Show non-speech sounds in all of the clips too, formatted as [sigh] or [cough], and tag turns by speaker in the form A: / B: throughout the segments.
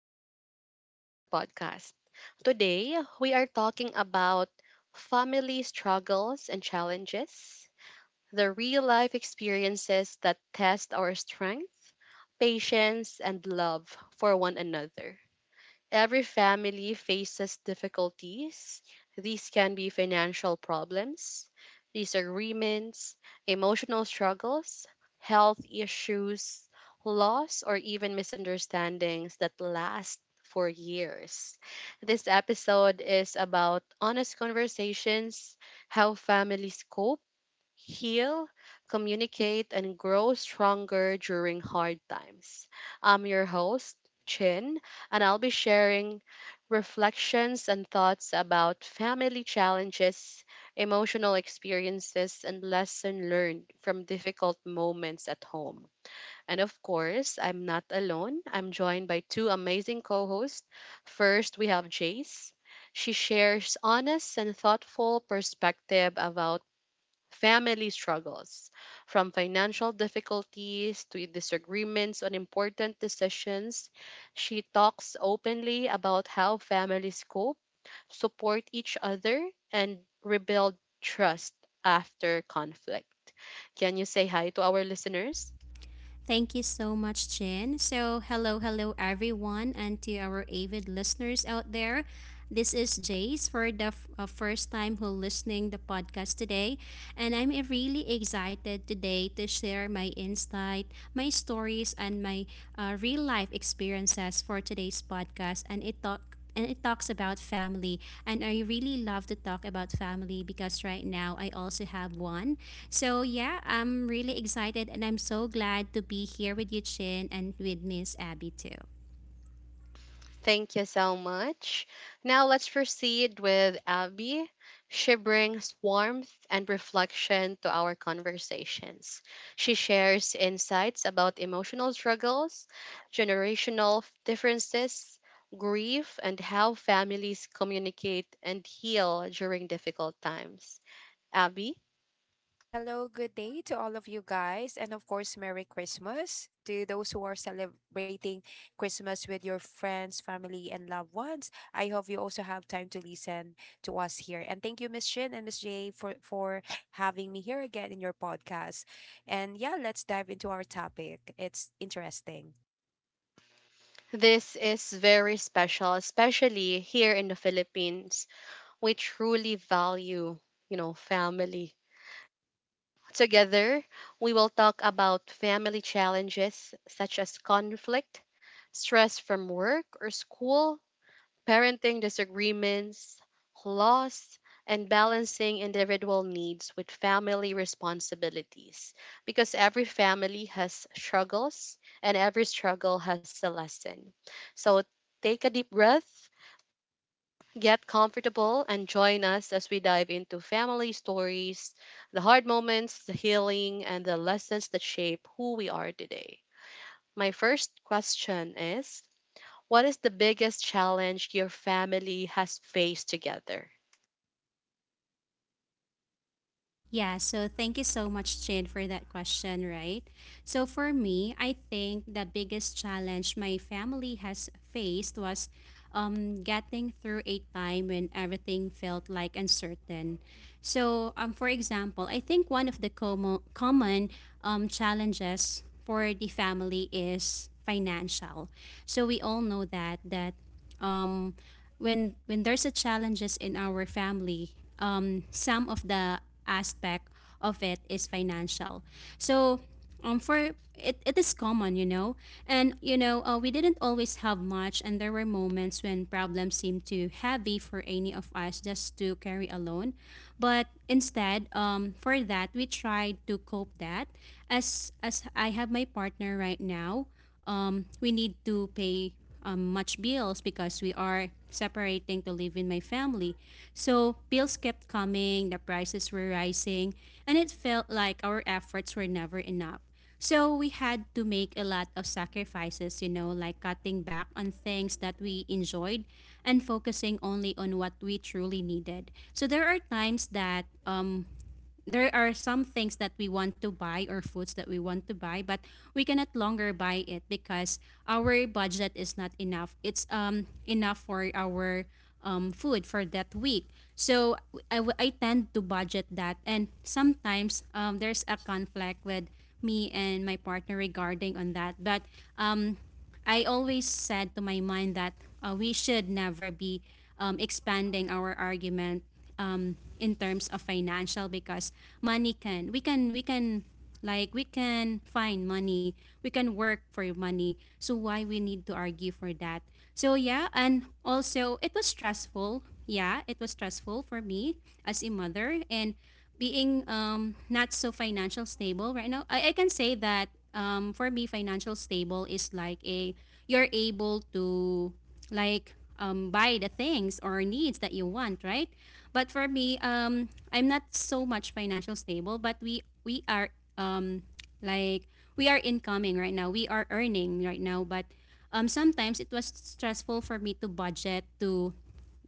A: welcome back to our podcast. Today, we are talking about family struggles and challenges, the real life experiences that test our strength, patience, and love for one another. Every family faces difficulties. These can be financial problems, disagreements, emotional struggles, health issues, loss, or even misunderstandings that last for years. This episode is about honest conversations, how families cope, heal, communicate, and grow stronger during hard times. I'm your host, Chin, and I'll be sharing reflections and thoughts about family challenges, emotional experiences, and lesson learned from difficult moments at home. And of course, I'm not alone. I'm joined by two amazing co-hosts. First, we have Jace. She shares honest and thoughtful perspective about family struggles, from financial difficulties to disagreements on important decisions. She talks openly about how families cope, support each other, and rebuild trust after conflict. Can you say hi to our listeners?
B: Thank you so much, Chin. So, hello, everyone, and to our avid listeners out there. This is Jace for the first time who listening the podcast today, and I'm really excited today to share my insight, my stories, and my real life experiences for today's podcast. And it talks about family, and I really love to talk about family because right now I also have one. So yeah, I'm really excited and I'm so glad to be here with you, Chin, and with Miss Abby too.
A: Thank you so much. Now let's proceed with Abby. She brings warmth and reflection to our conversations. She shares insights about emotional struggles, generational differences, grief, and how families communicate and heal during difficult times. Abby,
C: Hello, good day to all of you guys, and of course, Merry Christmas to those who are celebrating Christmas with your friends, family, and loved ones. I hope you also have time to listen to us here. And thank you, Miss Shin and Miss Jay, for having me here again in your podcast. And yeah, let's dive into our topic. It's interesting.
A: this is very special, especially here in the Philippines. We truly value, you know, family. Together, we will talk about family challenges such as conflict, stress from work or school, parenting disagreements, loss, and balancing individual needs with family responsibilities. Because every family has struggles and every struggle has a lesson. So take a deep breath, get comfortable and join us as we dive into family stories, the hard moments, the healing, and the lessons that shape who we are today. My first question is: what is the biggest challenge your family has faced together?
B: Yeah, so thank you so much, Chin, for that question, right? So for me, I think the biggest challenge my family has faced was getting through a time when everything felt like uncertain. So, for example, I think one of the common challenges for the family is financial. So we all know that um when there's a challenges in our family, some of the aspect of it is financial. So for it, it is common, and we didn't always have much, and there were moments when problems seemed too heavy for any of us just to carry alone. But instead, for that we tried to cope that as I have my partner right now, we need to pay much bills because we are separating to live in my family. So bills kept coming, the prices were rising, and it felt like our efforts were never enough. So we had to make a lot of sacrifices, like cutting back on things that we enjoyed and focusing only on what we truly needed. So there are times that there are some things that we want to buy or foods that we want to buy, but we cannot longer buy it because our budget is not enough. It's enough for our food for that week. So I tend to budget that, and sometimes there's a conflict with me and my partner regarding on that. But um, I always said to my mind that we should never be expanding our argument in terms of financial, because money can we can like we can find money, we can work for money, so why we need to argue for that? So yeah, and also it was stressful. Yeah, it was stressful for me as a mother, and being not so financial stable right now. I can say that for me financial stable is like a you're able to like buy the things or needs that you want, right? But for me, I'm not so much financial stable, but we are um, like we are incoming right now. We are earning right now, but sometimes it was stressful for me to budget to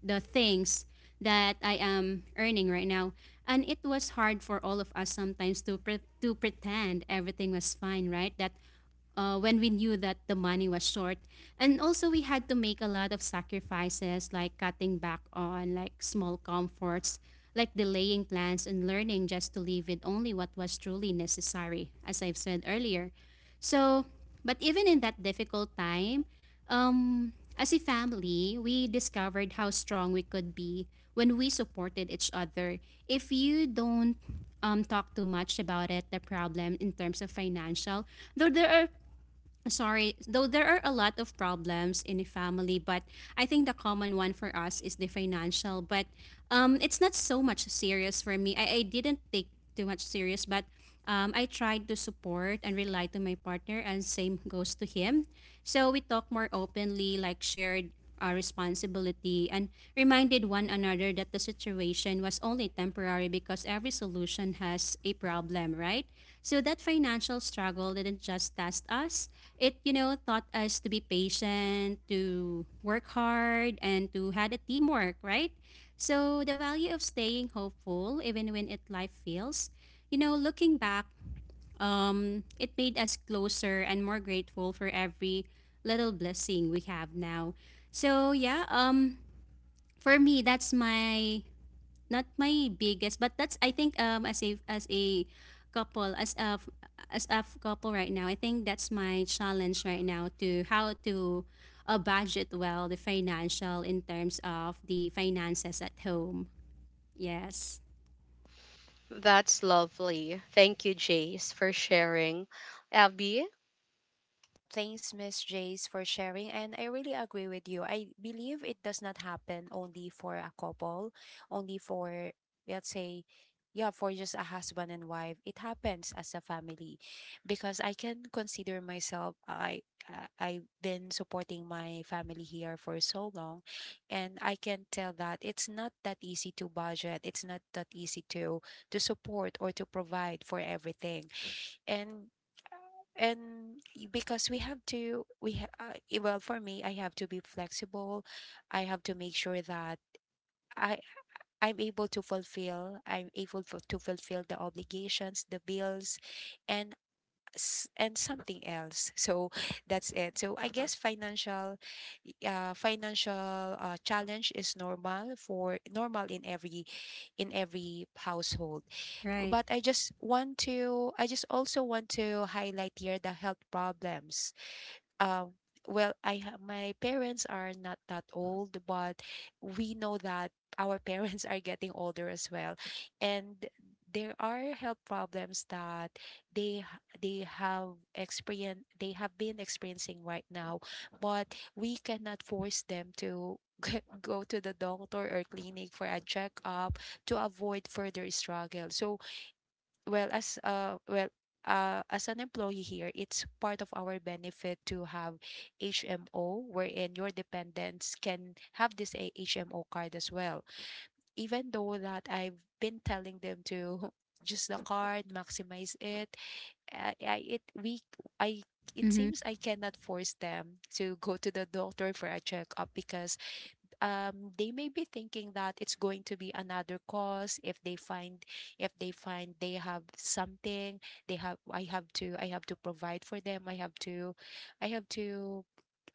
B: the things that I am earning right now. And it was hard for all of us sometimes to to pretend everything was fine, right? That when we knew that the money was short. And also, we had to make a lot of sacrifices, like cutting back on like small comforts, like delaying plans and learning just to live with only what was truly necessary, as I've said earlier. So, but even in that difficult time, um, as a family, we discovered how strong we could be when we supported each other. If you don't talk too much about it, the problem in terms of financial, though there are sorry, though there are a lot of problems in a family, but I think the common one for us is the financial. But it's not so much serious for me. I didn't take too much serious, but I tried to support and rely to my partner, and same goes to him. So we talk more openly, like shared responsibility, and reminded one another that the situation was only temporary, because every solution has a problem, right? So that financial struggle didn't just test us. It, you know, taught us to be patient, to work hard, and to had a teamwork, right? So the value of staying hopeful even when it life feels, you know, looking back, it made us closer and more grateful for every little blessing we have now. So yeah, for me, that's my not my biggest, but that's I think as a couple, as a couple right now, I think that's my challenge right now to how to budget well the financial in terms of the finances at home. Yes,
A: That's lovely. Thank you, Jace, for sharing. Abby,
C: Thanks, Miss Jace, for sharing. And I really agree with you. I believe it does not happen only for a couple, only for, let's say, yeah, for just a husband and wife. It happens as a family because I can consider myself, I've been supporting my family here for so long, and I can tell that it's not that easy to budget. It's not that easy to support or to provide for everything. And and y- because we have to we ha- I- well for me I have to be flexible. I have to make sure that i I'm able to fulfill, I'm able to, fulfill the obligations, the bills, and and something else [laughs] so that's it. So I guess financial challenge is normal, for normal in every household.
B: right.
C: But I just want to, I just also want to highlight here the health problems. Uh, well, my parents are not that old, but we know that our [laughs] parents are getting older as well, and there are health problems that they have been experiencing right now, but we cannot force them to [laughs] go to the doctor or clinic for a checkup to avoid further struggle. So well as uh well as an employee here, it's part of our benefit to have HMO, wherein your dependents can have this a HMO card as well. Even though that I've been telling them to [laughs] use the card, maximize it, I it we I it
B: Mm-hmm.
C: seems I cannot force them to go to the doctor for a checkup because they may be thinking that it's going to be another cause. If they find, if they find they have something, they have I have to I have to provide for them. i have to i have to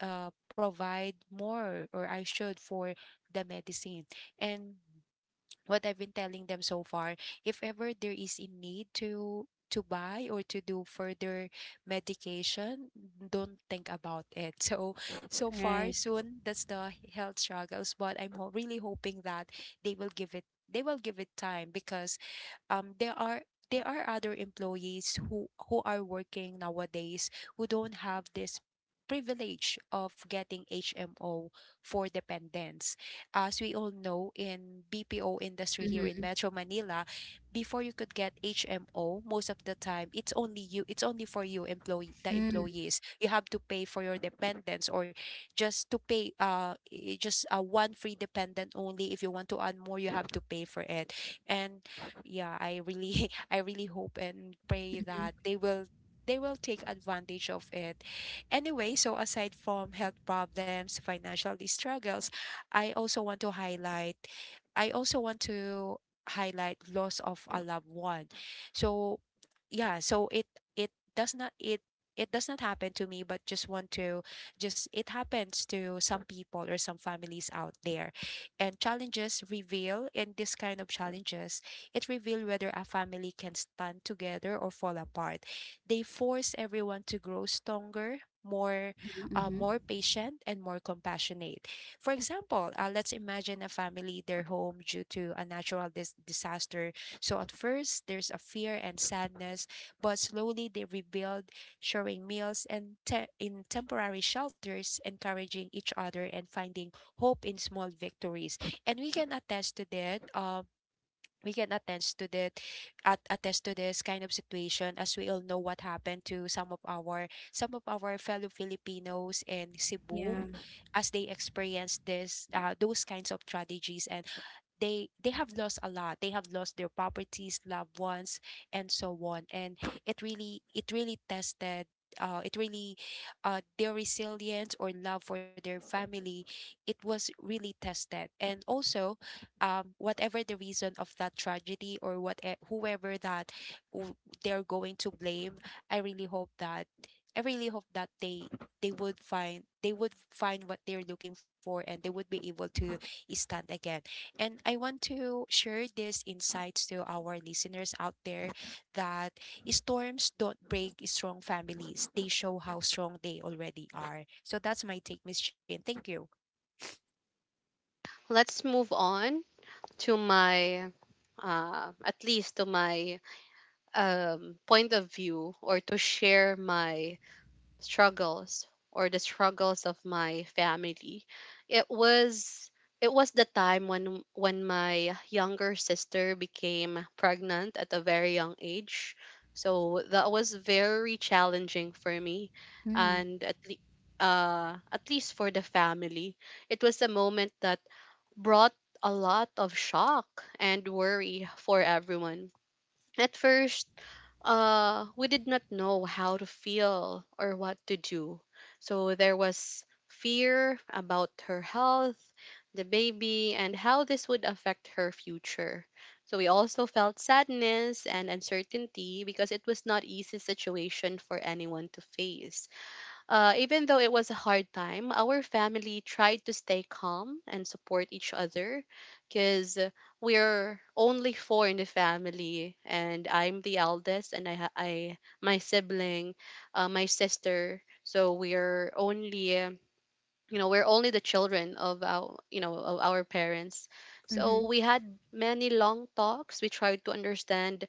C: uh, provide more, or I should, for the medicine. And what I've been telling them so far, if ever there is a need to buy or to do further medication, don't think about it. [laughs] So so far
B: Right.
C: soon, that's the health struggles, but I'm really hoping that they will give it time. Because there are, there are other employees who are working nowadays, who don't have this privilege of getting HMO for dependents. As we all know, in BPO industry here in
B: Mm-hmm.
C: Metro Manila, before you could get HMO, most of the time it's only you, it's only for you employee, the
B: Mm-hmm.
C: employees. You have to pay for your dependents, or just to pay, I- just one free dependent only. If you want to add more, you have to pay for it. And yeah, I really [laughs] I really hope and pray that they will take advantage of it. Anyway, so aside from health problems, financial struggles, I also want to highlight, I also want to loss of a loved one. So yeah, so it does not it it does not happen to me, but just want to, just it happens to some people or some families out there. And challenges reveal, in this kind of challenges, it reveal whether a family can stand together or fall apart. They force everyone to grow stronger, more
B: Mm-hmm.
C: more patient and more compassionate. For example, let's imagine a family, their home due to a disaster. So at first, there's a fear and sadness, but slowly they rebuild, sharing meals and in temporary shelters, encouraging each other and finding hope in small victories. And we can attest to that. We can attest to that at attest to this kind of situation, as we all know what happened to some of our fellow Filipinos in Cebu,
B: Yeah.
C: as they experienced this, those kinds of tragedies. And they have lost a lot. They have lost their properties, loved ones, and so on. And it really, it really tested it really their resilience or love for their family. It was really tested. And also, whatever the reason of that tragedy, or whoever that w- they're going to blame, I really hope that, i really hope that they they would find, what they're looking for, and they would be able to stand again. And I want to share these insights to our listeners out there that storms don't break strong families, they show how strong they already are. So that's my take, Miss Jane. Thank you.
A: let's move on to my, at least to my, point of view or to share my struggles or the struggles of my family. It was it was the time when my younger sister became pregnant at a very young age. So that was very challenging for me
B: Mm,
A: and at least for the family. It was a moment that brought a lot of shock and worry for everyone. At first, we did not know how to feel or what to do. So there was fear about her health, the baby, and how this would affect her future. So we also felt sadness and uncertainty because it was not easy situation for anyone to face. Even though it was a hard time, our family tried to stay calm and support each other because we're only four in the family, and I'm the eldest, and I my sibling, my sister. So we're only, we're only the children of our, of our parents.
B: mm-hmm,
A: So we had many long talks. We tried to understand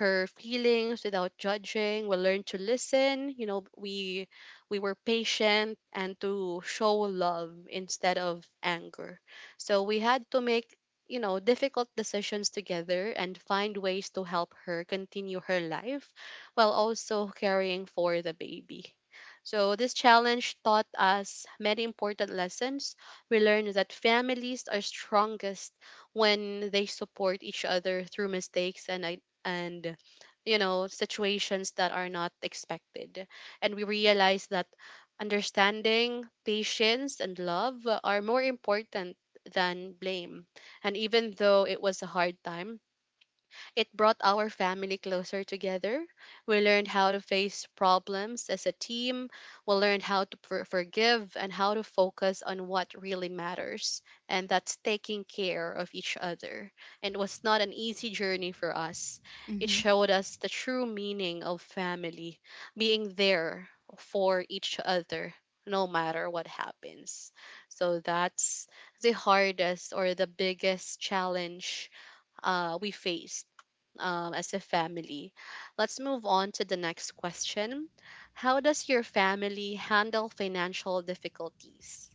A: her feelings without judging. We learned to listen, we were patient and to show love instead of anger. So we had to make, difficult decisions together and find ways to help her continue her life while also caring for the baby. So this challenge taught us many important lessons. We learned that families are strongest when they support each other through mistakes and situations that are not expected. And we realized that understanding, patience, and love are more important than blame. And even though it was a hard time, it brought our family closer together. We learned how to face problems as a team. We learned how to forgive and how to focus on what really matters, and that's taking care of each other. And it was not an easy journey for us. It
B: mm-hmm.
A: showed us the true meaning of family, being there for each other no matter what happens. So that's the hardest or the biggest challenge we face, as a family. Let's move on to the next question. How does your family handle financial difficulties?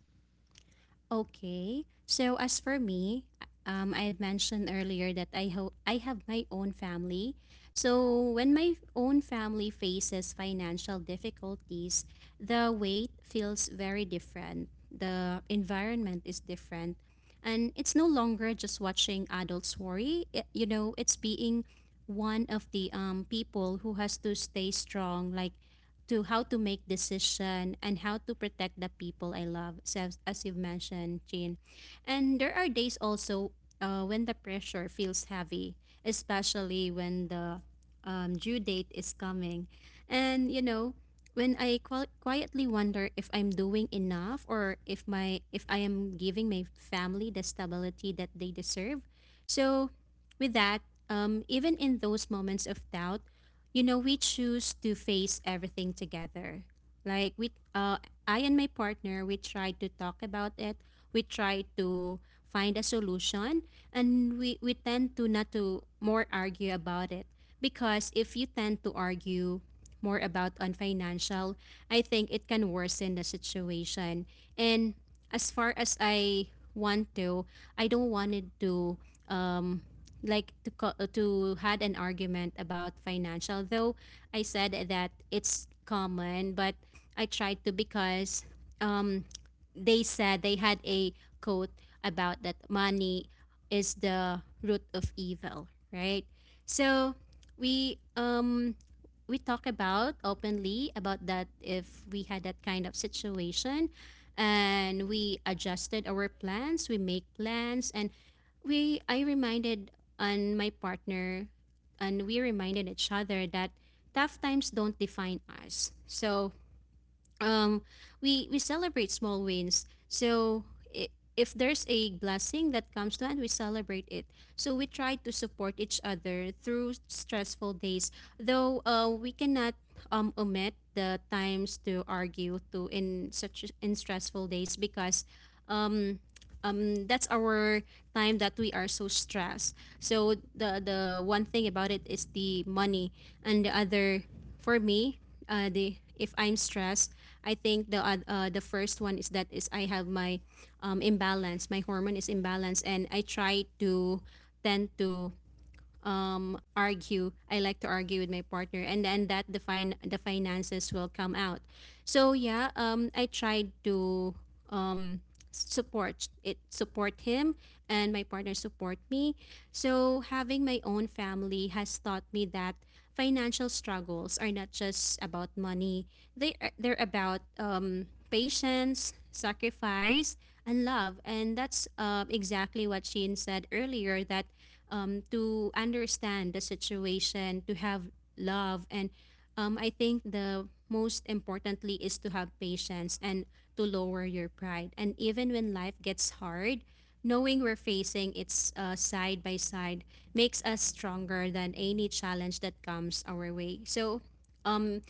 B: Okay. So as for me, I've mentioned earlier that I have my own family. So when my own family faces financial difficulties, the weight feels very different. The environment is different, and it's no longer just watching adults worry. It, you know, it's being one of the people who has to stay strong, like to how to make decision and how to protect the people I love. So as you've mentioned, Jean, and there are days also when the pressure feels heavy, especially when the due date is coming, and you know when I quietly wonder if I'm doing enough, or if my if I am giving my family the stability that they deserve. So with that, even in those moments of doubt, you know we choose to face everything together, like we I and my partner, we tried to talk about it, we tried to find a solution, and we tend to not to more argue about it, because if you tend to argue more about on financial, I think it can worsen the situation. And as far as I want to, I don't want it to um like to to had an argument about financial. Though I said that it's common, but I tried to, because um they said they had a quote about that money is the root of evil, right? So we um we talk about openly about that if we had that kind of situation. And we adjusted our plans, we make plans, and we I reminded and my partner, and we reminded each other that tough times don't define us. So um, we celebrate small wins. So i- if there's a blessing that comes to hand, we celebrate it. So we try to support each other through stressful days, though we cannot omit the times to argue to in such in stressful days, because um that's our time that we are so stressed. So the one thing about it is the money, and the other for me the if I'm stressed, I think the the first one is that is I have my imbalance, my hormone is imbalanced, and I try to tend to argue, I like to argue with my partner, and then that the the finances will come out. So yeah, I tried to um support him, and my partner support me. So having my own family has taught me that financial struggles are not just about money, they're about patience, sacrifice, and love. And that's exactly what she said earlier, that to understand the situation, to have love. And I think the most importantly is to have patience and to lower your pride. And even when life gets hard, knowing we're facing it's side by side makes us stronger than any challenge that comes our way. So um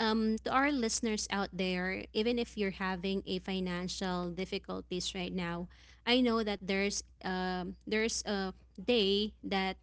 B: to our listeners out there, even if you're having a financial difficulties right now, I know that there's a day that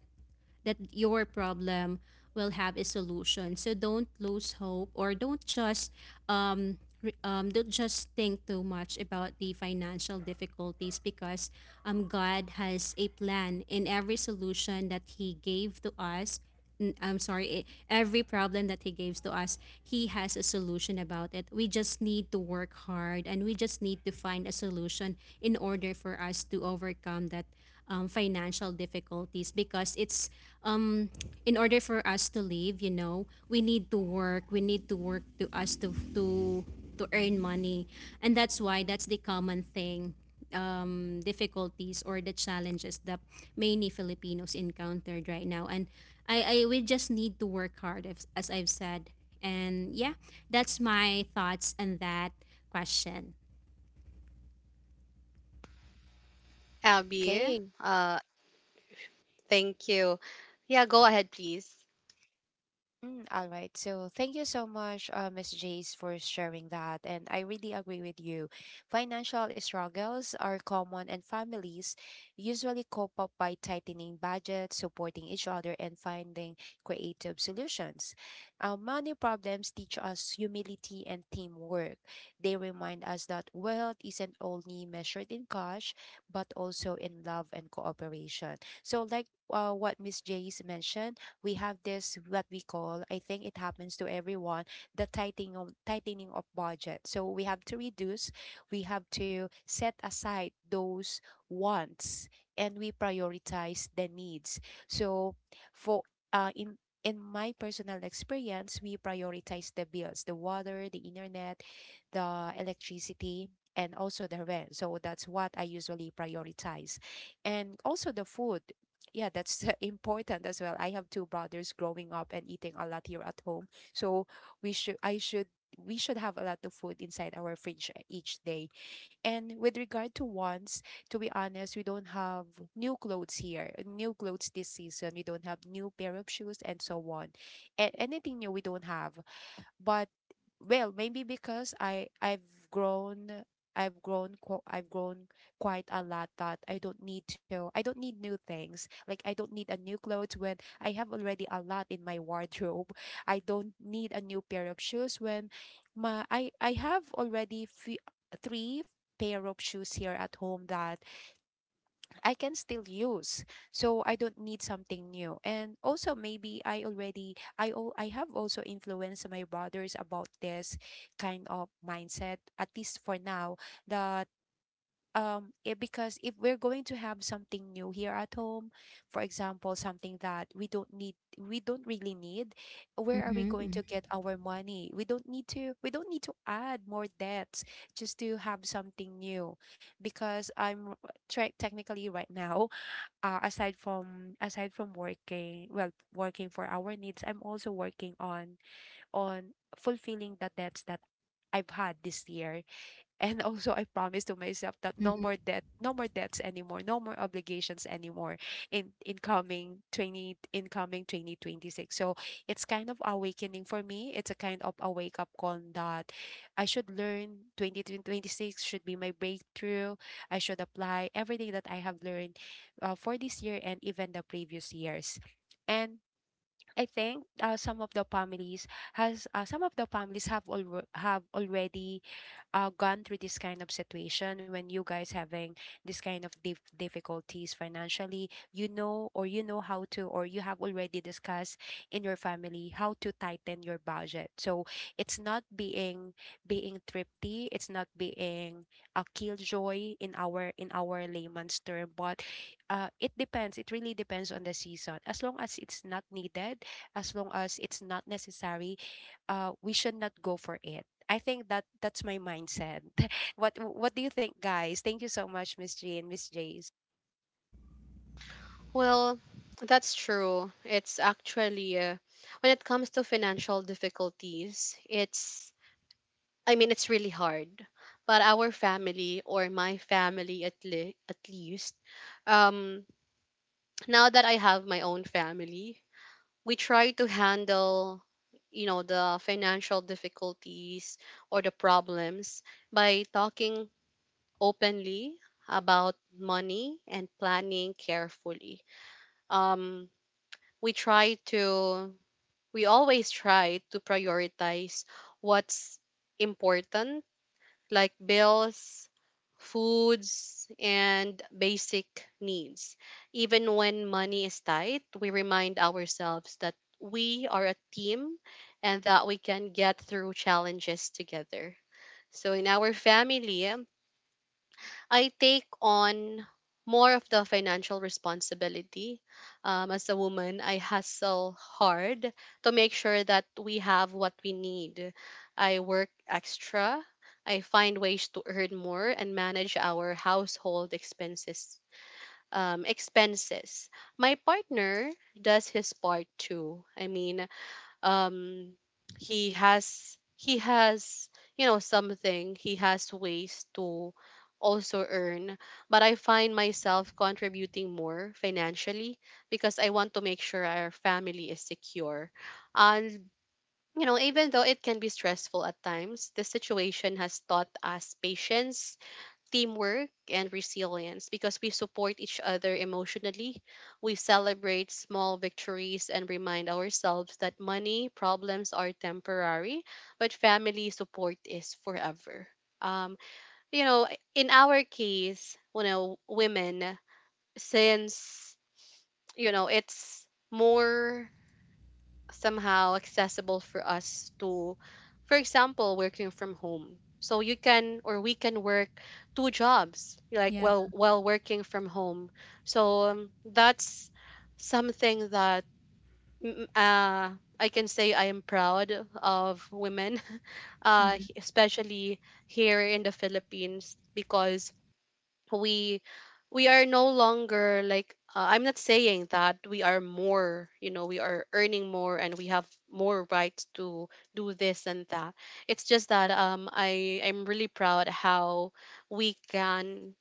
B: that your problem will have a solution. So don't lose hope, or don't just don't just think too much about the financial difficulties, because God has a plan in every solution that He gave to us. I'm sorry, every problem that He gives to us, He has a solution about it. We just need to work hard, and we just need to find a solution in order for us to overcome that financial difficulties, because it's um, in order for us to live, you know, we need to work, to us to earn money. And that's why that's the common thing, difficulties or the challenges that many Filipinos encountered right now. And I we just need to work hard, as I've said. And yeah, that's my thoughts on that question.
A: Abby,
C: Okay.
A: uh, thank you. Yeah, go ahead, please.
C: All right. So thank you so much, Miss Jace, for sharing that. And I really agree with you. Financial struggles are common, and families usually cope up by tightening budgets, supporting each other, and finding creative solutions. Money problems teach us humility and teamwork. They remind us that wealth isn't only measured in cash, but also in love and cooperation. So, like what Miss Jace mentioned, we have this what we call, I think it happens to everyone, the tightening of, budget. So we have to reduce, we have to set aside those wants, and we prioritize the needs. So for uh, in in my personal experience, we prioritize the bills, the water, the internet, the electricity, and also the rent. So that's what I usually prioritize. And also the food. Yeah, that's [laughs] important as well. I have two brothers growing up and eating a lot here at home. So we should I should we should have a lot of food inside our fridge each day. And with regard to wants, to be honest, we don't have new clothes here. New clothes this season. We don't have new pair of shoes and so on. Anything new we don't have. But well, maybe because I I've grown I've grown qu- I've grown quite a lot, that I don't need new things. Like I don't need a new clothes when I have already a lot in my wardrobe. I don't need a new pair of shoes when my I have already three pair of shoes here at home that I can still use. So I don't need something new. And also maybe I already, I have also influenced my brothers about this kind of mindset, at least for now. That um, it, because if we're going to have something new here at home, for example, something that we don't really need, where are we going
B: Mm-hmm,
C: to get our money? We don't need to add more debts just to have something new. Because I'm try technically right now, aside from working, well, working for our needs, I'm also working on, fulfilling the debts that I've had this year. And also, I promised to myself that no
B: mm-hmm,
C: more debt, no more debts anymore, no more obligations anymore in incoming 2026. So it's kind of awakening for me. It's a kind of a wake up call that I should learn. 2026 should be my breakthrough. I should apply everything that I have learned for this year and even the previous years. And I think some of the families have have already gone through this kind of situation. When you guys having this kind of difficulties financially, you know, or you know how to, or you have already discussed in your family how to tighten your budget. So it's not being, being thrifty, it's not being a killjoy in our, in our layman's term. But it depends, it really depends on the season. As long as it's not needed, as long as it's not necessary, we should not go for it. I think that that's my mindset. [laughs] What do you think, guys? Thank you so much, Miss G and Miss Jace.
A: Well, that's true. It's actually, when it comes to financial difficulties, it's, I mean, it's really hard. But our family, or my family at at least, um, now that I have my own family, we try to handle, the financial difficulties or the problems by talking openly about money and planning carefully. um we try to we always try to prioritize what's important, like bills, foods, and basic needs. Even when money is tight, we remind ourselves that we are a team and that we can get through challenges together. So, in our family, I take on more of the financial responsibility. As a woman, I hustle hard to make sure that we have what we need. I work extra. I find ways to earn more and manage our household expenses. My partner does his part too. I mean, um he has, something, he has ways to also earn, but I find myself contributing more financially because I want to make sure our family is secure. And even though it can be stressful at times, the situation has taught us patience, teamwork and resilience because we support each other emotionally. We celebrate small victories and remind ourselves that money problems are temporary, but family support is forever. Um, you know, in our case, you know, women, since it's more somehow accessible for us to, for example, working from home, so you can, or we can, work two jobs, like,
B: yeah.
A: while working from home. So, that's something that, mm, uh, I can say I am proud of women [laughs]
B: Mm-hmm.
A: especially here in the Philippines because we we are no longer like, I'm not saying that we are more, you know, we are earning more and we have more rights to do this and that. It's just that I'm really proud how we can,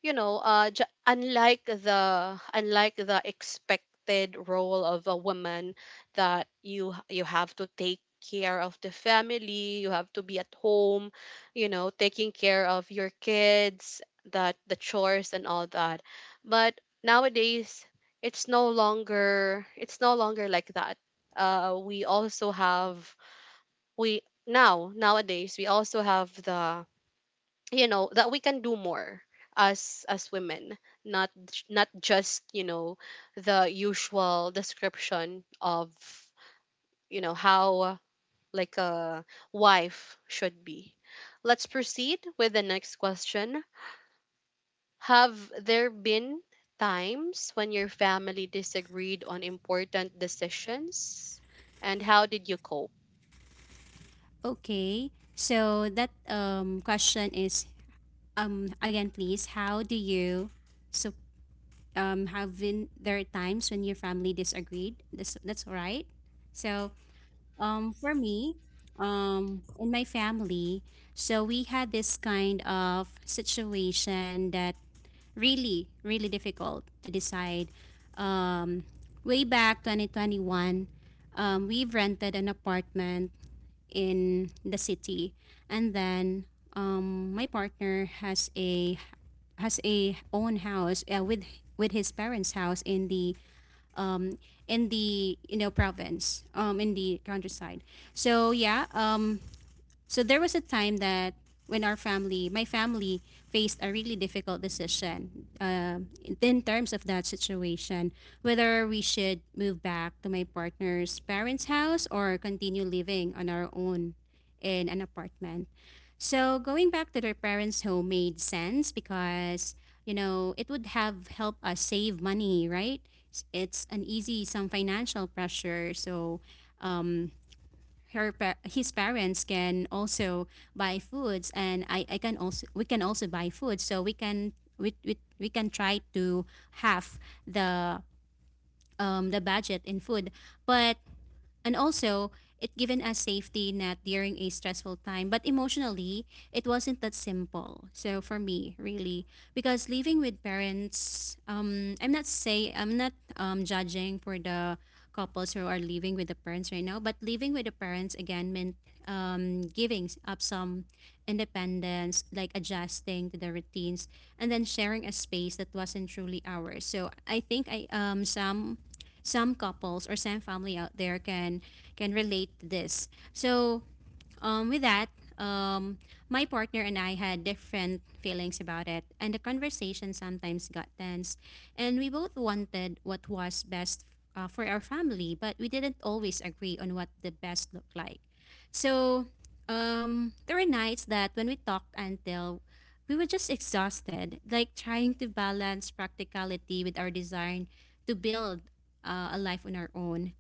A: unlike the expected role of a woman, that you have to take care of the family, you have to be at home, taking care of your kids, that the chores and all that. But nowadays, it's no longer like that. We also have we now nowadays we also have the, that we can do more as women, not just, the usual description of, how like a wife should be. Let's proceed with the next question. Have there been times when your family disagreed on important decisions, and how did you cope?
B: Okay. So that question is again, please. How do you so have been there times when your family disagreed? That's all right. So for me, in my family, so we had this kind of situation that really, really difficult to decide. Way back 2021, we've rented an apartment in the city, and then my partner has a own house with his parents' house in the province in the countryside. So yeah, so there was a time that when our family, my family, faced a really difficult decision, in terms of that situation, whether we should move back to my partner's parents' house or continue living on our own in an apartment. So going back to their parents' home made sense because it would have helped us save money, right? It's an easy some financial pressure, so his parents can also buy foods and I can also we can also buy food so we can we can try to half the budget in food but and also, it given us safety net during a stressful time. But emotionally, it wasn't that simple. So for me, really, because living with parents, I'm not say I'm not judging for the couples who are living with the parents right now. But living with the parents again meant giving up some independence, like adjusting to the routines, and then sharing a space that wasn't truly ours. So I think I some couples or some family out there can relate to this. So, with that, um, my partner and I had different feelings about it, and the conversation sometimes got tense. And we both wanted what was best for our family, but we didn't always agree on what the best looked like. So, there were nights that when we talked until we were just exhausted, like trying to balance practicality with our desire to build a life on our own.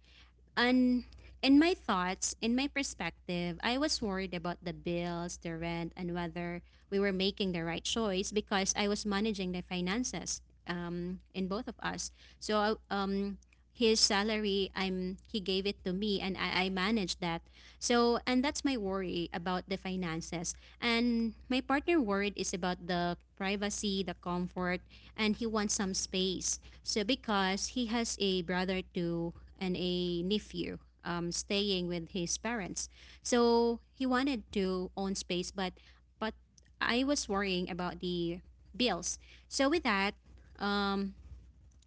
B: And in my thoughts, in my perspective, I was worried about the bills, the rent, and whether we were making the right choice because I was managing the finances, in both of us. So, I- um, his salary, I'm he gave it to me, and I managed that. So, and that's my worry about the finances. And my partner worried is about the privacy, the comfort, and he wants some space. So, because he has a brother too and a nephew, staying with his parents. So, he wanted to own space, but but I was worrying about the bills. So with that, um,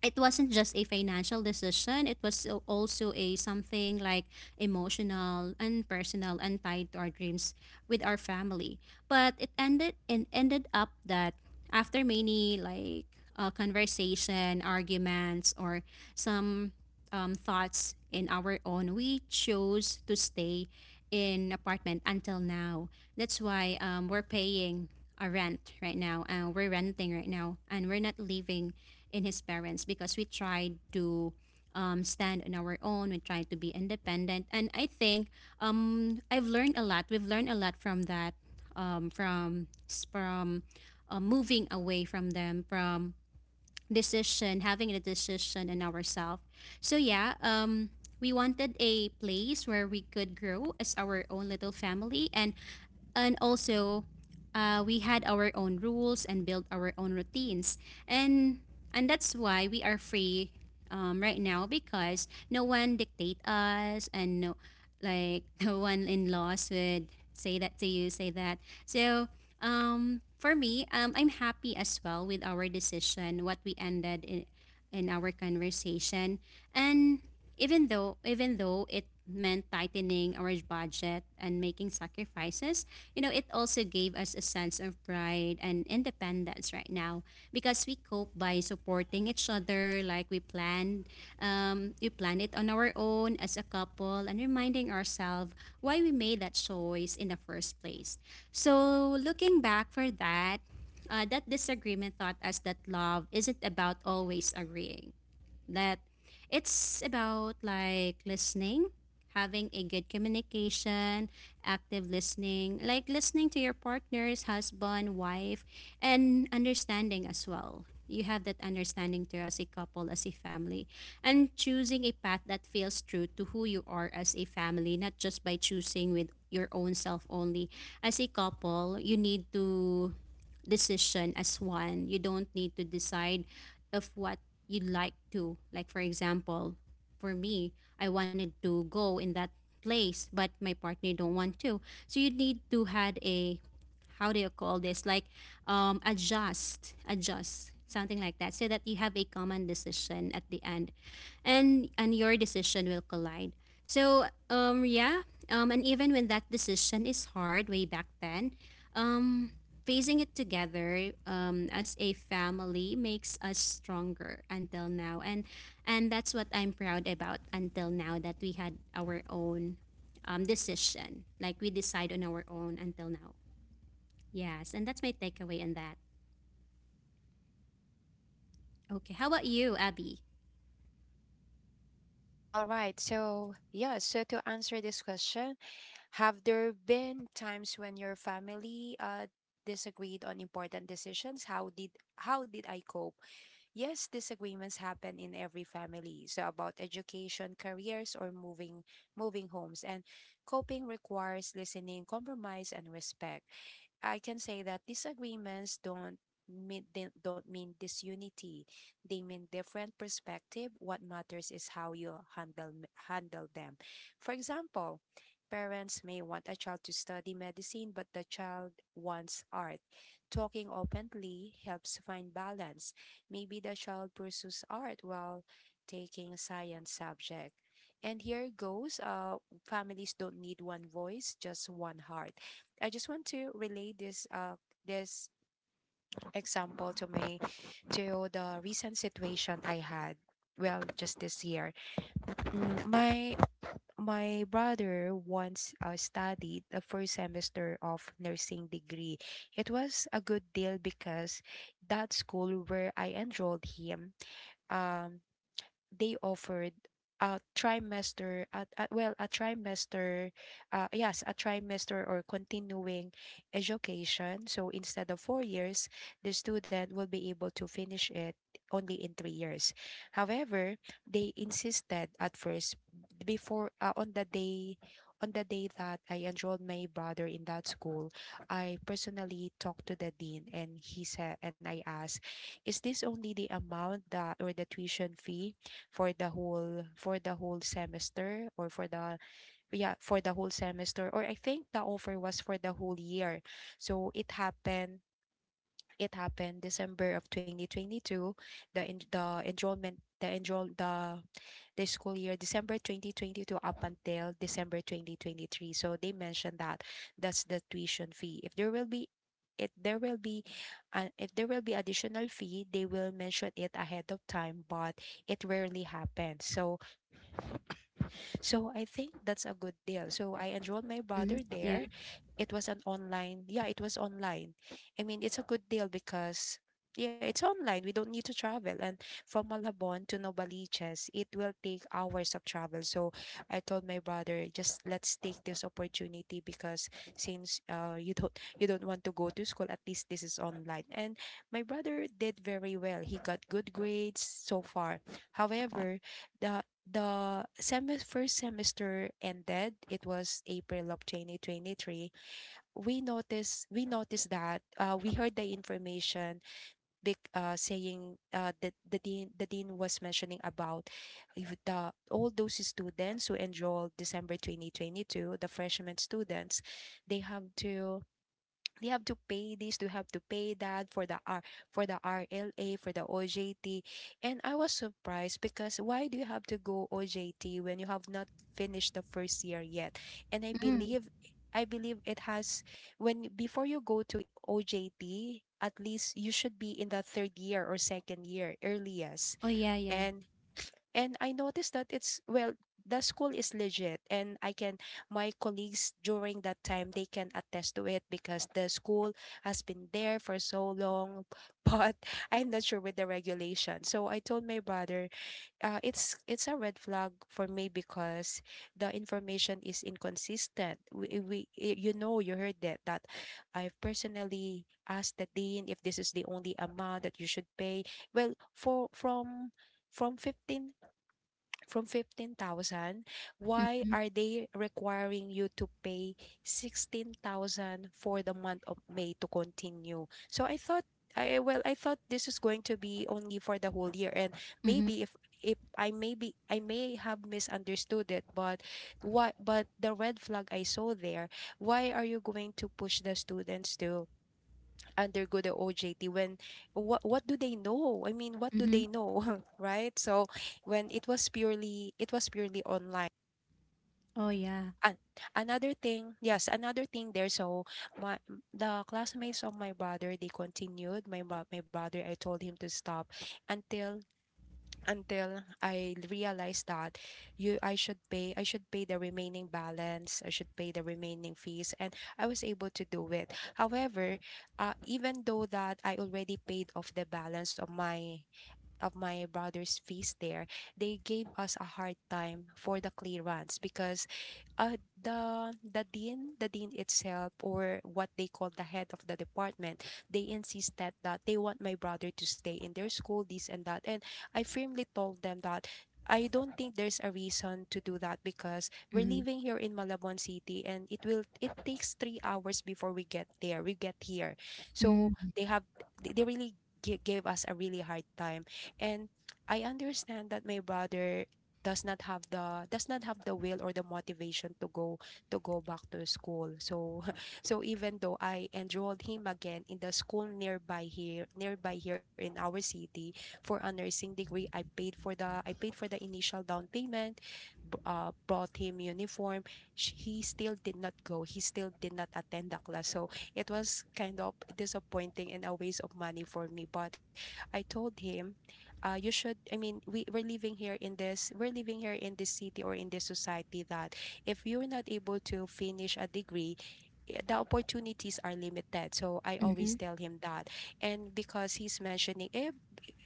B: it wasn't just a financial decision, it was also a something like emotional and personal and tied to our dreams with our family, but it ended up that after many like conversation arguments or some, thoughts in our own, we chose to stay in apartment until now. That's why, we're paying a rent right now and we're renting right now and we're not leaving in his parents because we tried to, stand on our own. We tried to be independent, and I think, I've learned a lot. We've learned a lot from that, um, from from moving away from them, from decision, having a decision in ourselves. So yeah, we wanted a place where we could grow as our own little family, and also, we had our own rules and built our own routines, and and that's why we are free, right now because no one dictate us and no like [laughs] no one in laws would say that to you say that So, for me, I'm happy as well with our decision, what we ended in our conversation. And even though it meant tightening our budget and making sacrifices, it also gave us a sense of pride and independence right now because we cope by supporting each other like we planned. We planned it on our own as a couple and reminding ourselves why we made that choice in the first place. So, looking back for that, that disagreement taught us that love isn't about always agreeing, that it's about like listening, having a good communication, active listening, like listening to your partner's husband, wife, and understanding as well. You have that understanding to as a couple, as a family, and choosing a path that feels true to who you are as a family, not just by choosing with your own self only. As a couple, you need to decision as one. You don't need to decide if what you'd like to. Like for example, for me, I wanted to go in that place, but my partner don't want to. So you need to had a how do you call this? Like adjust, something like that so that you have a common decision at the end, and your decision will collide. So, yeah, and even when that decision is hard way back then. Facing it together, as a family, makes us stronger until now, and that's what I'm proud about until now, that we had our own, decision, like we decide on our own until now. Yes, and that's my takeaway on that. Okay, how about you, Abby?
C: All right, so yeah, so to answer this question, have there been times when your family disagreed on important decisions? How did I cope? Yes, disagreements happen in every family. So about education, careers, or moving homes. And coping requires listening, compromise, and respect. I can say that disagreements mean don't mean disunity. They mean different perspective. What matters is how you handle them. For example, parents may want a child to study medicine, but the child wants art. Talking openly helps find balance. Maybe the child pursues art while taking science subject. And here goes, uh, Families don't need one voice, just one heart. I just want to relate this example to my to the recent situation I had. Well, just this year, my my brother once studied the first semester of nursing degree. It was a good deal because that school where I enrolled him, um, they offered a trimester at well, a trimester or continuing education, so instead of 4 years the student will be able to finish it only in 3 years. However, they insisted at first before, on the day, on the day that I enrolled my brother in that school, I personally talked to the dean, and he said, and I asked, is this only the amount that, or the tuition fee for the whole semester, or for the, yeah, for the whole semester? Or I think the offer was for the whole year. So it happened, it happened December of 2022, the en- the enrollment the enroll the school year December 2022 up until December 2023. So they mentioned that that's the tuition fee. If there will be, it there will be if there will be additional fee, they will mention it ahead of time, but it rarely happens, so so I think that's a good deal. So I enrolled my
B: Mm-hmm.
C: brother there.
B: Yeah.
C: It was an online, yeah, it was online. I mean, it's a good deal because, yeah, it's online. We don't need to travel. And from Malabon to Novaliches, it will take hours of travel. So I told my brother, just let's take this opportunity because since you don't want to go to school, at least this is online. And my brother did very well. He got good grades so far. However, the the semi first semester ended. It was April of 2023. We noticed that, we heard the information, big saying, that the dean, the dean was mentioning about if the, all those students who enrolled December 2022, the freshman students, they have to they have to pay this, they have to pay that for the R, for the RLA, for the OJT. And I was surprised because why do you have to go OJT when you have not finished the first year yet? And I believe it has, when before you go to OJT, at least you should be in the third year, or second year
B: Oh,
C: earliest.
B: oh yeah, yeah.
C: And and I noticed that it's, well, the school is legit. And I can, my colleagues during that time, they can attest to it because the school has been there for so long. [laughs] But I'm not sure with the regulation. So I told my brother, it's a red flag for me because the information is inconsistent. We y- you know you heard that, that I've personally asked the dean if this is the only amount that you should pay. Well, for from from 15 from 15,000, why
B: Mm-hmm.
C: are they requiring you to pay 16,000 for the month of May to continue? So I thought this is going to be only for the whole year, and
B: Mm-hmm.
C: maybe if I maybe I may have misunderstood it, but what but the red flag I saw there, why are you going to push the students to undergo the OJT when what do they know? I mean, what do
B: Mm-hmm.
C: they know, [laughs] right? So when it was purely online.
B: Oh yeah.
C: And another thing, yes, another thing there. So my the classmates of my brother, they continued. My brother, I told him to stop until until I realized that, you I should pay, I should pay the remaining balance. I should pay the remaining fees, and I was able to do it. However, even though that I already paid off the balance of my brother's fees there, they gave us a hard time for the clearance because, the dean, the dean itself, or what they call the head of the department, they insisted that they want my brother to stay in their school, this and that. And I firmly told them that I don't think there's a reason to do that because we're
B: Mm-hmm.
C: living here in Malabon City, and it will, it takes 3 hours before we get there, we get here. So
B: Mm-hmm.
C: they have, they really gave us a really hard time. And I understand that my brother does not have the will or the motivation to go, to go back to school. So [laughs] so even though I enrolled him again in the school nearby here, nearby here in our city for a nursing degree, I paid for the, I paid for the initial down payment, bought him uniform. He still did not go, he still did not attend the class. So it was kind of disappointing and a waste of money for me. But I told him, you should, I mean, we're living here in this city or in this society that if you're not able to finish a degree, eh, the opportunities are limited. So I always
B: Mm-hmm.
C: tell him that. And because he's mentioning, eh,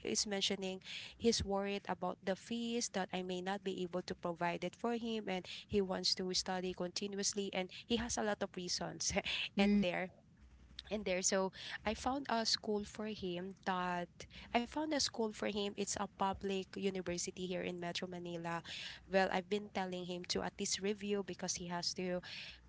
C: is mentioning he's worried about the fees that I may not be able to provide it for him, and he wants to study continuously, and he has a lot of reasons [laughs] and
B: Mm-hmm.
C: there, in there. So I found a school for him that I found a school for him. It's a public university here in Metro Manila. Well, I've been telling him to at least review because he has to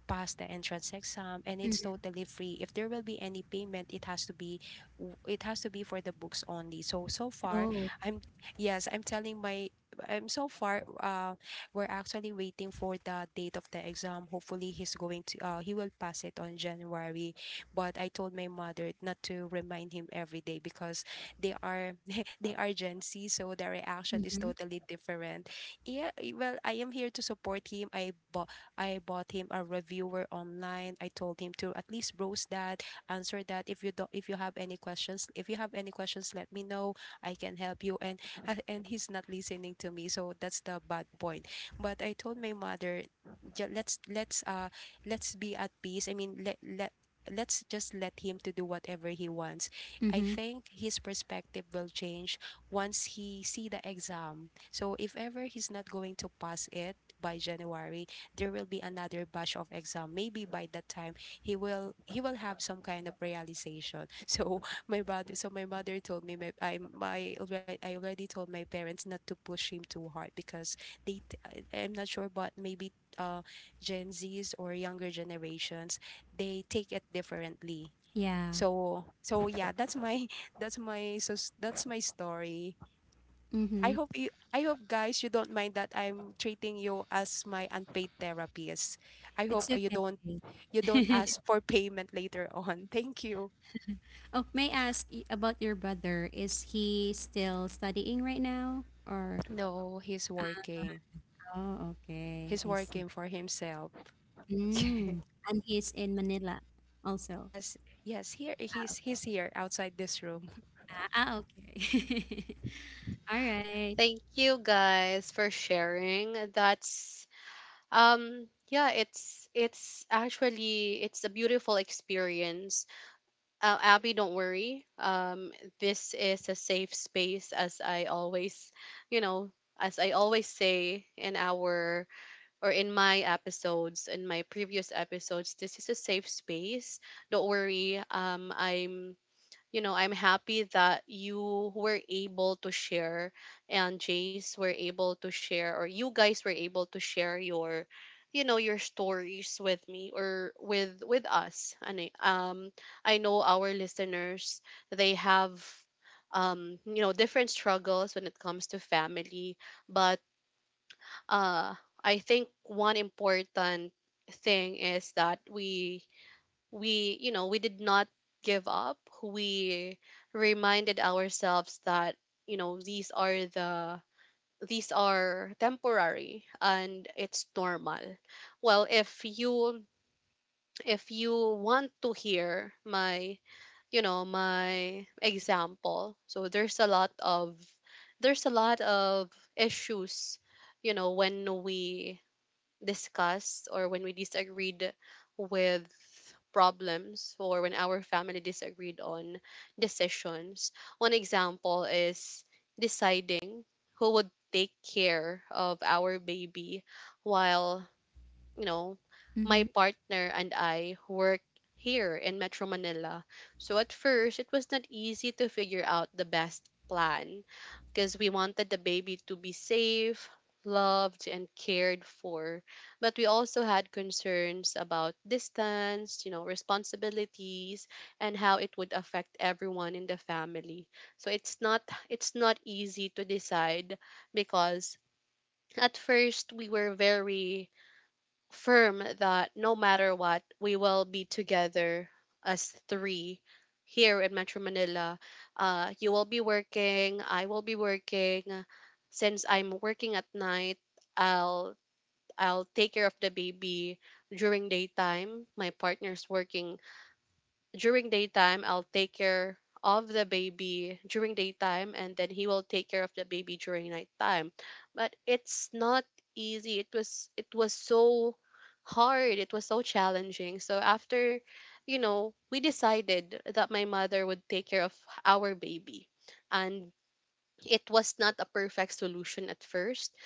C: pass the entrance exam, and it's
B: Mm-hmm.
C: totally free. If there will be any payment, it has to be, it has to be for the books only. So so far,
B: Oh.
C: I'm yes, I'm telling my, I'm so far, we're actually waiting for the date of the exam. Hopefully he's going to he will pass it on January. But I told my mother not to remind him every day because they are [laughs] they are Gen Z, so their reaction is
B: Mm-hmm.
C: totally different. Yeah, eh, well, I am here to support him. I bought him a reviewer online. I told him to at least browse that, answer that. If you don't, if you have any questions, if you have any questions, let me know. I can help you. And he's not listening to me, so that's the bad point. But I told my mother, "Ja- let's let's be at peace. I mean, let let let's just let him to do whatever he wants. I
B: Mm-hmm.
C: think his perspective will change once he see the exam. So if ever he's not going to pass it by January, there will be another batch of exam. Maybe by that time he will have some kind of realization. [laughs] So my brother so my mother told me my, I, my already I already told my parents not to push him too hard because I'm not sure, but maybe uh Gen Zs or younger generations, they take it differently.
B: Yeah.
C: So so yeah, that's my [laughs] that's my, so that's my story. I
B: Mm-hmm.
C: hope you, I hope guys you don't mind that I'm treating you as my unpaid therapist. I
B: It's
C: hope you don't
B: okay.
C: ask
B: [laughs]
C: for payment later [laughs] on. Thank you.
B: Oh, may I ask about your brother? Is he still studying right now? Or
C: No, he's working.
B: oh, okay,
C: He's
B: I see.
C: working for himself. [laughs]
B: Mm. And he's in Manila also.
C: Yes, yes, here he's
B: Ah,
C: he's here outside this room.
B: ah, ah, okay. [laughs] All right.
A: Thank you guys for sharing. That's, yeah, it's actually it's a beautiful experience. Abby, don't worry. This is a safe space, you know, as I always say in our, or in my episodes, in my previous episodes, this is a safe space. Don't worry. I'm happy that you were able to share and Jace were able to share, or you guys were able to share your, your stories with me, or with us, and I know our listeners, they have, different struggles when it comes to family, but uh I think one important thing is that we you know we did not give up. We reminded ourselves that, you know these are the these are temporary and it's normal. Well, if you if you want to hear my, my example, so there's a lot of issues, when we discussed, or when we disagreed with problems, or when our family disagreed on decisions. One example is deciding who would take care of our baby while, you know, my
B: Mm-hmm,
A: partner and I work here in Metro Manila. So at first, it was not easy to figure out the best plan because we wanted the baby to be safe, loved, and cared for. But we also had concerns about distance, responsibilities, and how it would affect everyone in the family. So it's not easy to decide because at first we were very firm that no matter what, we will be together as three here in Metro Manila. You will be working, I will be working. Since I'm working at night, I'll I'll take care of the baby during daytime. My partner's working during daytime. I'll take care of the baby during daytime, and then he will take care of the baby during nighttime. But it's not easy. It was so hard. It was so challenging. So after, we decided that my mother would take care of our baby. And it was not a perfect solution at first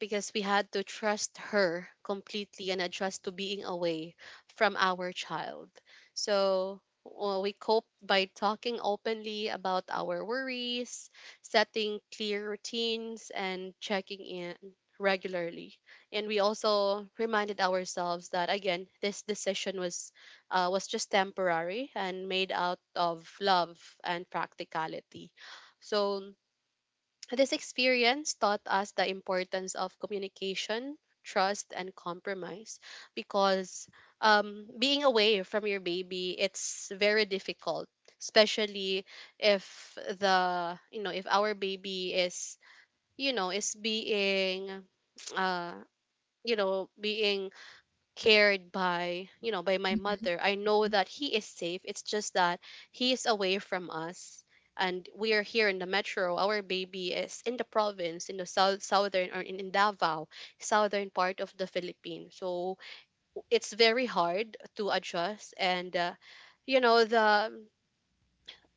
A: because we had to trust her completely and adjust to being away from our child. So, well, we cope by talking openly about our worries, setting clear routines, and checking in regularly. And we also reminded ourselves that again, this decision was just temporary and made out of love and practicality. So this experience taught us the importance of communication, trust, and compromise because being away from your baby, it's very difficult, especially if if our baby is, is being, uh, being cared by by my
B: mm-hmm,
A: mother. I know that he is safe. It's just that he is away from us, and we are here in the metro. Our baby is in the province in the southern or in Davao, southern part of the Philippines. So it's very hard to adjust and the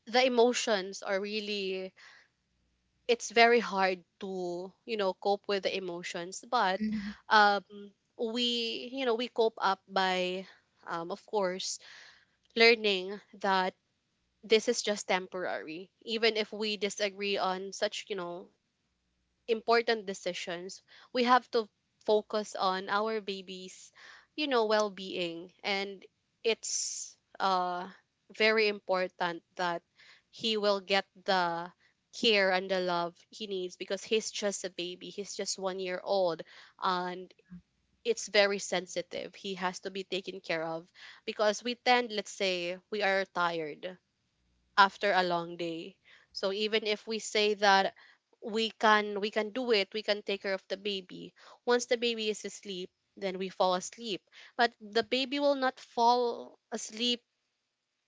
A: emotions are really, it's very hard to cope with the emotions. But
B: hmm.
A: um we you know we cope up by of course learning that this is just temporary. Even if we disagree on such, you know, important decisions, we have to focus on our baby's, you know, well-being, and it's very important that he will get the care and the love he needs because he's just a baby. He's just 1 year old and it's very sensitive. He has to be taken care of because we tend, let's say we are tired after a long day. So even if we say that we can do it, we can take care of the baby, once the baby is asleep then we fall asleep, but the baby will not fall asleep,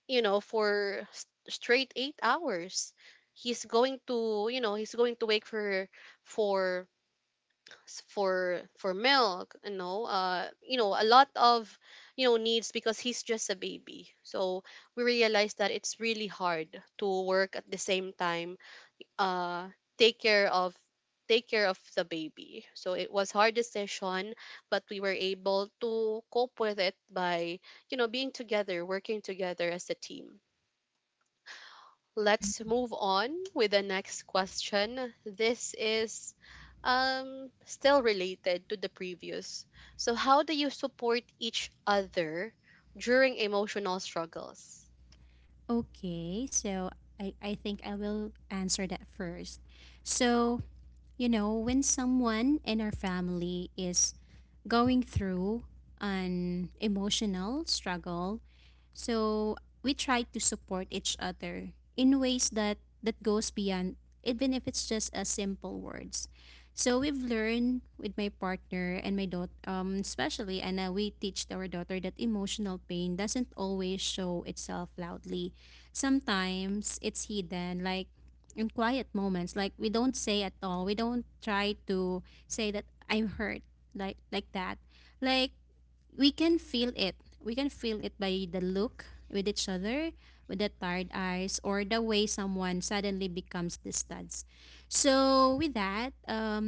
A: you know, for straight 8 hours. He's going to, you know, he's going to wake for for for milk, you know, you know, a lot of, you know, needs because he's just a baby. So we realize that it's really hard to work at the same time, uh take care of, take care of the baby. So it was hard decision, but we were able to cope with it by, you know, being together, working together as a team. Let's move on with the next question. This is still related to the previous. So how do you support each other during emotional struggles?
B: Okay, so I think I will answer that first. So, when someone in our family is going through an emotional struggle, so we try to support each other in ways that goes beyond, even if it's just a simple words. So we've learned with my partner and my daughter, especially Anna, we teach our daughter that emotional pain doesn't always show itself loudly. Sometimes it's hidden, like in quiet moments. Like we don't say at all. We don't try to say that I'm hurt, like that. Like we can feel it. We can feel it by the look with each other, with the tired eyes, or the way someone suddenly becomes distanced. So with that,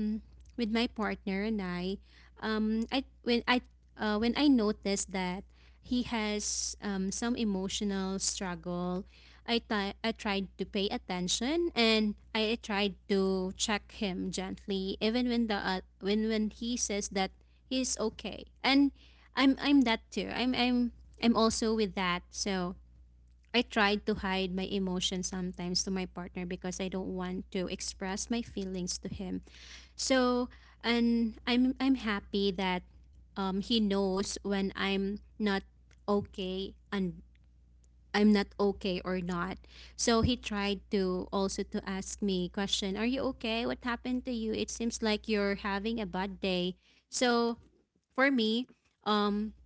B: with my partner and I, um, I when I when I noticed that he has, some emotional struggle, I tried to pay attention and I tried to check him gently, even when the when he says that he's okay, and I'm that too. I'm also with that. So I tried to hide my emotions sometimes to my partner because I don't want to express my feelings to him, so, and I'm happy that he knows when I'm not okay, and I'm not okay or not. So he tried to also to ask me question, "Are you okay? What happened to you? It seems like you're having a bad day." So, for me, um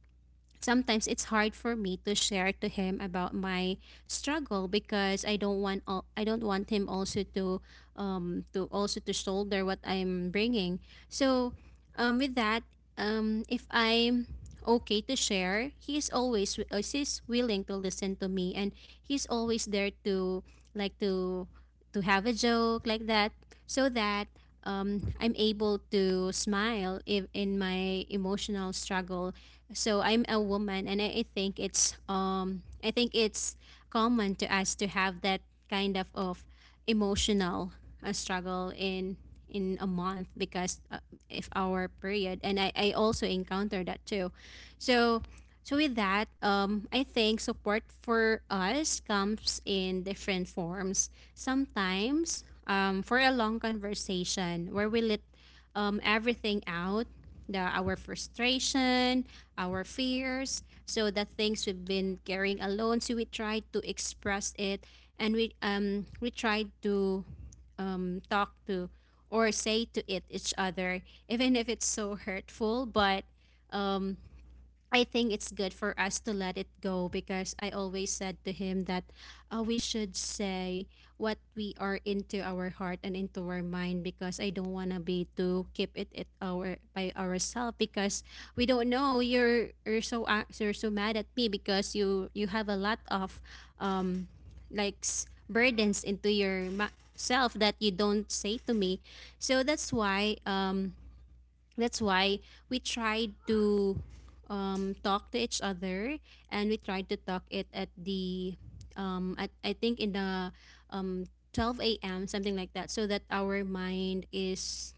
B: sometimes it's hard for me to share to him about my struggle because I don't want all, I don't want him also to shoulder what I'm bringing. So, with that, if I'm okay to share, he's always, he's willing to listen to me and he's always there like to to have a joke like that, so that, I'm able to smile if in my emotional struggle. So I'm a woman, and I think it's common to us to have that kind of emotional, struggle in a month because, if our period, and I also encounter that too. So, with that, I think support for us comes in different forms. Sometimes, for a long conversation where we let, everything out, the our frustration, our fears, so the things we've been carrying alone, so we tried to express it, and we tried to talk to or say to it each other, even if it's so hurtful. But I think it's good for us to let it go, because I always said to him that, we should say what we are into our heart and into our mind, because I don't want to be to keep it at our by ourselves, because we don't know, you're so mad at me because you have a lot of, um burdens into your self that you don't say to me. So that's why we tried to, talk to each other, and we tried to talk it at I think in the, um, 12 a.m. something like that, so that our mind is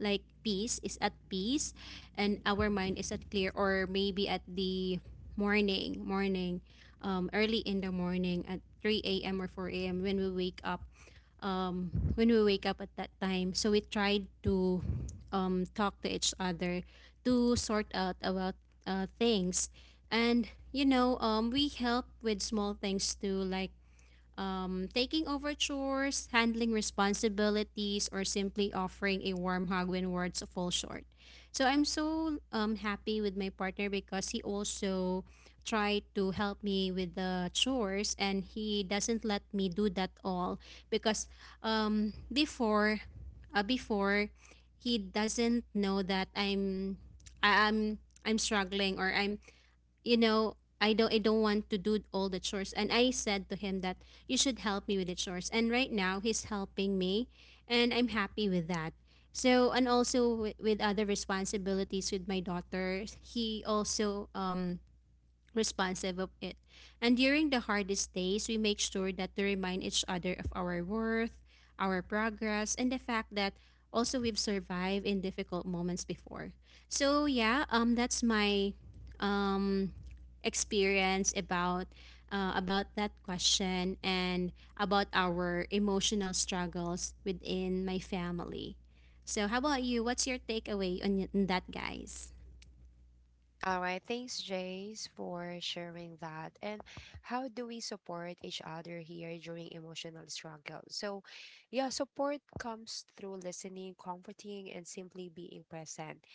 B: like peace is at peace and our mind is at clear, or maybe at the morning, early in the morning at 3 a.m. or 4 a.m. when we wake up, at that time. So we tried to, talk to each other to sort out about, things. And, you know, we help with small things too, like, taking over chores, handling responsibilities, or simply offering a warm hug when words fall short. So I'm so, happy with my partner because he also tried to help me with the chores and he doesn't let me do that all, because, um, before before he doesn't know that I'm struggling, or I'm you know I don't want to do all the chores, and I said to him that you should help me with the chores, and right now he's helping me, and I'm happy with that. So, and also with other responsibilities with my daughter, he also, responsive of it. And during the hardest days, we make sure that to remind each other of our worth, our progress, and the fact that also we've survived in difficult moments before. So yeah, that's my, um experience about, about that question, and about our emotional struggles within my family. So how about you? What's your takeaway on, on that, guys?
C: All right, thanks, Jace, for sharing that. And how do we support each other here during emotional struggle? So, yeah, support comes through listening, comforting, and simply being present.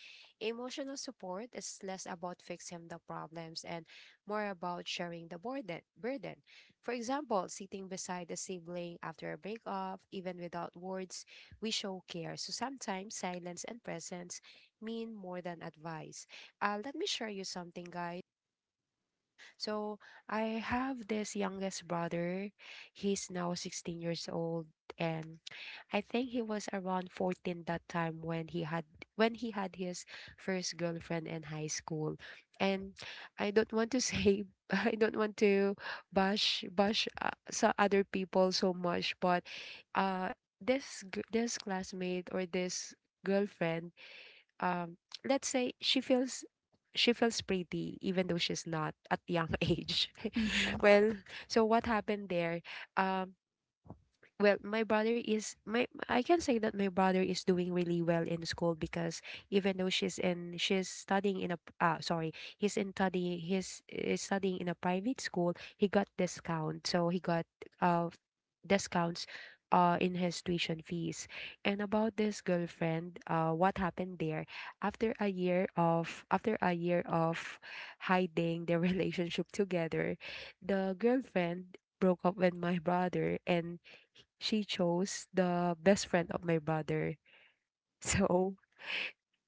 C: Emotional support is less about fixing the problems and more about sharing the burden. For example, sitting beside a sibling after a breakup, even without words, we show care. So sometimes silence and presence mean more than advice. Let me share you something, guys. So I have this youngest brother. He's now 16 years old, and I think he was around 14 that time when he had his first girlfriend in high school. And I don't want to say [laughs] I don't want to bash bash so other people so much, but this classmate or this girlfriend um let's say she feels pretty even though she's not at young [laughs] age [laughs]
B: Mm-hmm.
C: well, so what happened there? um well, my brother is my I can say that my brother is doing really well in school because even though she's in she's studying in a sorry, he's in studying he's is studying in a private school. He got discount, so he got uh discounts in his tuition fees. And about this girlfriend, what happened there? After a year of hiding their [laughs] relationship together, the girlfriend broke up with my brother, and she chose the best friend of my brother. [laughs] So,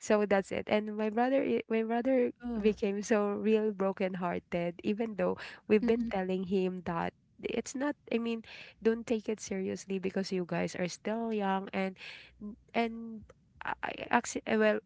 C: so that's it. And my brother
B: Oh.
C: became so real brokenhearted, even though we've been
B: Mm-mm.
C: telling him that it's not, I mean, don't take it seriously because you guys are still young, and I I- acci- well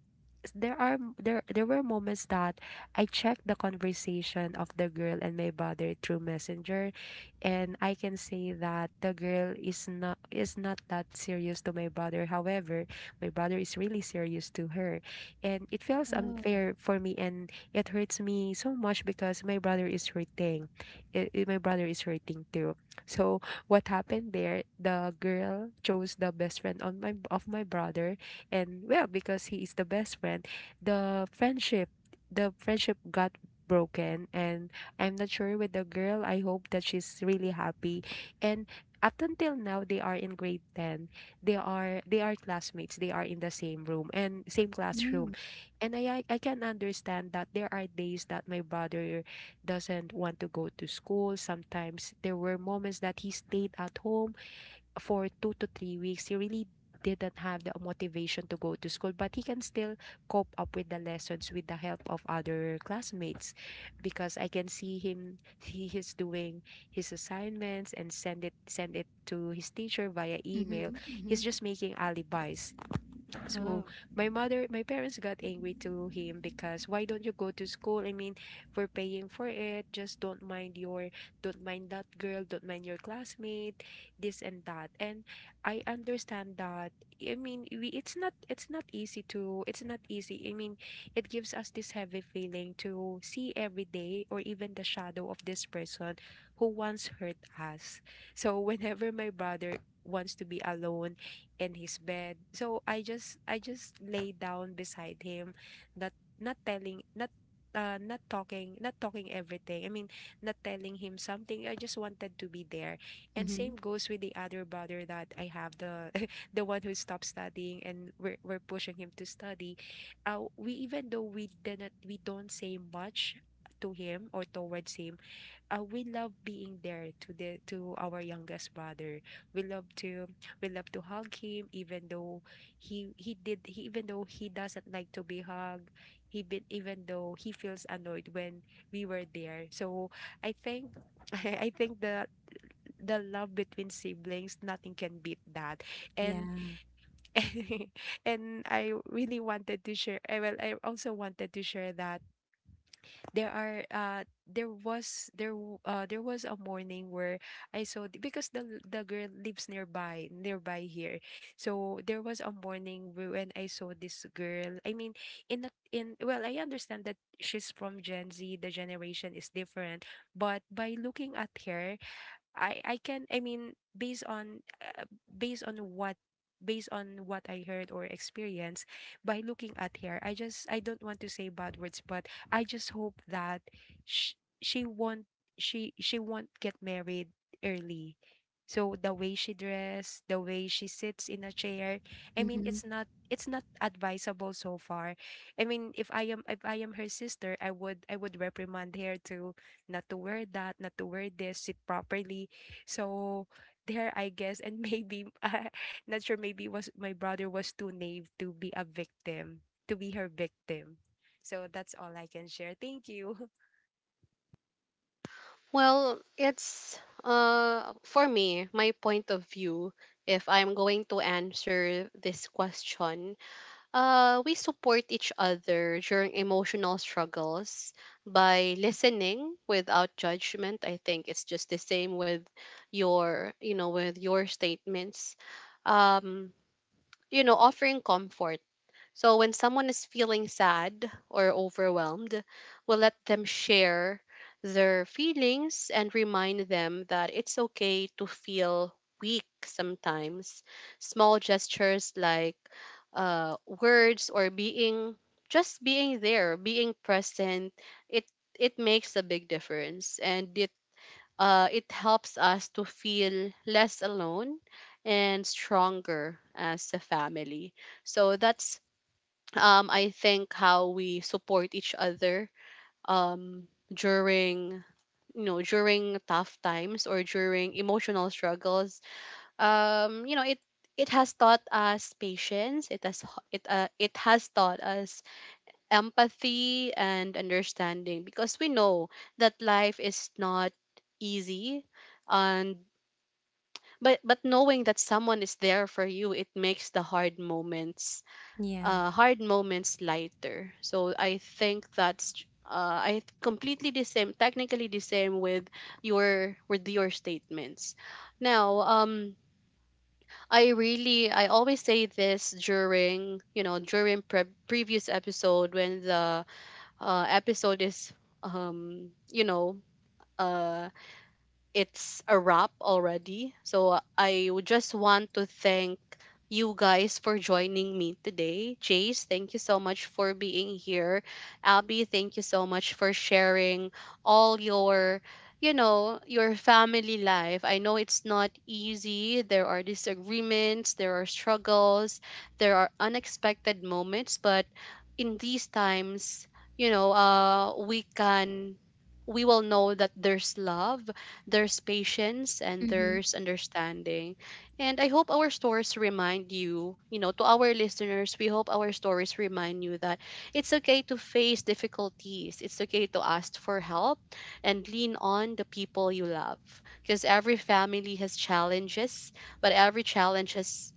C: there there were moments that I checked the conversation of the girl and my brother through Messenger, and I can say that the girl is not that serious to my brother. However, my brother is really serious to her, and it feels
B: Oh.
C: unfair for me, and it hurts me so much because my brother is hurting. My brother is hurting too. So what happened there? The girl chose the best friend on my of my brother. And, well, because he is the best friend, the friendship the friendship got broken. And I'm not sure with the girl. I hope that she's really happy. And up until now, they are in grade 10. They are classmates. They are in the same room and same classroom.
B: Mm.
C: And I can understand that there are days that my brother doesn't want to go to school. Sometimes there were moments that he stayed at home for 2 to 3 weeks. He really didn't have the motivation to go to school, but he can still cope up with the lessons with the help of other classmates, because I can see him. He is doing his assignments and send it to his teacher via email.
B: Mhm.
C: He's
B: Mhm.
C: just making alibis. So
B: Oh,
C: my parents got angry to him because, why don't you go to school? I mean, we're paying for it. Just don't mind that girl, don't mind your classmate, this and that. And I understand that. I mean, it's not easy it's not easy. I mean, it gives us this heavy feeling to see every day or even the shadow of this person who once hurt us. So [laughs] whenever my brother wants to be alone in his bed. So I just lay down beside him, not not telling not not talking everything. I mean, not telling him something. I just wanted to be there. And
B: mhm.
C: same goes with the other brother that I have, the [laughs] the one who stopped studying, and we're pushing him to study. We, even though we don't say much to him or towards him, we love being there to our youngest brother. We love to we love to hug him, even though even though he doesn't like to be hugged. He been even though he feels annoyed when we were there. So I think, [laughs] I think the love between siblings, nothing can beat that. And
B: Yeah.
C: [laughs] and I really wanted to share. I also wanted to share that there are there was there w- there was a morning where because the girl lives nearby here. So there was a morning when I saw this girl. I mean in a, in well, I understand that she's from Gen Z, the generation is different, but by looking at her, I mean, based on what I heard or experienced, by looking at her, I don't want to say bad words, but I just hope that she won't, she won't get married early. So the way she dressed, the way she sits in a chair, I mean,
B: Mhm.
C: it's not advisable. So far, I mean, if I am her sister, I would, I would reprimand her to not to wear that, not to wear this, sit properly. So there, I guess, and maybe [laughs] not sure. Maybe was my brother was too naive to be a victim, to be her victim. So that's all I can share. Thank you.
A: Well, it's for me, my point of view, if I'm going to answer this question, we support each other during emotional struggles by listening without judgment. I think it's just the same with your, you know, with your statements. Um you know, offering comfort, so when someone is feeling sad or overwhelmed, we'll let them share their feelings and remind them that it's okay to feel weak sometimes. Small gestures like words, or being, just being there, being present, it it makes a big difference, and it helps us to feel less alone and stronger as a family. So that's I think how we support each other during, you know, during tough times or during emotional struggles. You know, it has taught us patience, it has taught us empathy and understanding, because we know that life is not easy. And but knowing that someone is there for you, it makes the hard moments,
B: Yeah.
A: hard moments lighter. So I think that's I completely the same, technically the same with your, with your statements. Now, I always say this during, you know, during previous episode, when the episode is, um you know uh it's a wrap already. So I would just want to thank you guys for joining me today. Chase, thank you so much for being here. Abby, thank you so much for sharing all your, you know, your family life. I know it's not easy. There are disagreements, there are struggles, there are unexpected moments, but in these times, you know, we will know that there's love, there's patience, and
B: Mhm.
A: there's understanding. And I hope our stories remind you, you know, to our listeners, we hope our stories remind you that it's okay to face difficulties. It's okay to ask for help and lean on the people you love. Because every family has challenges, but every challenge has,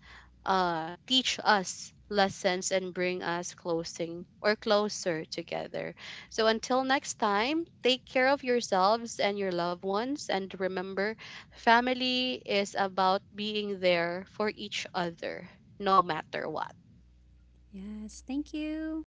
A: teach us lessons and bring us closing or closer together. So until next time, take care of yourselves and your loved ones. And remember, family is about being there for each other, no matter what.
B: Yes. Thank you.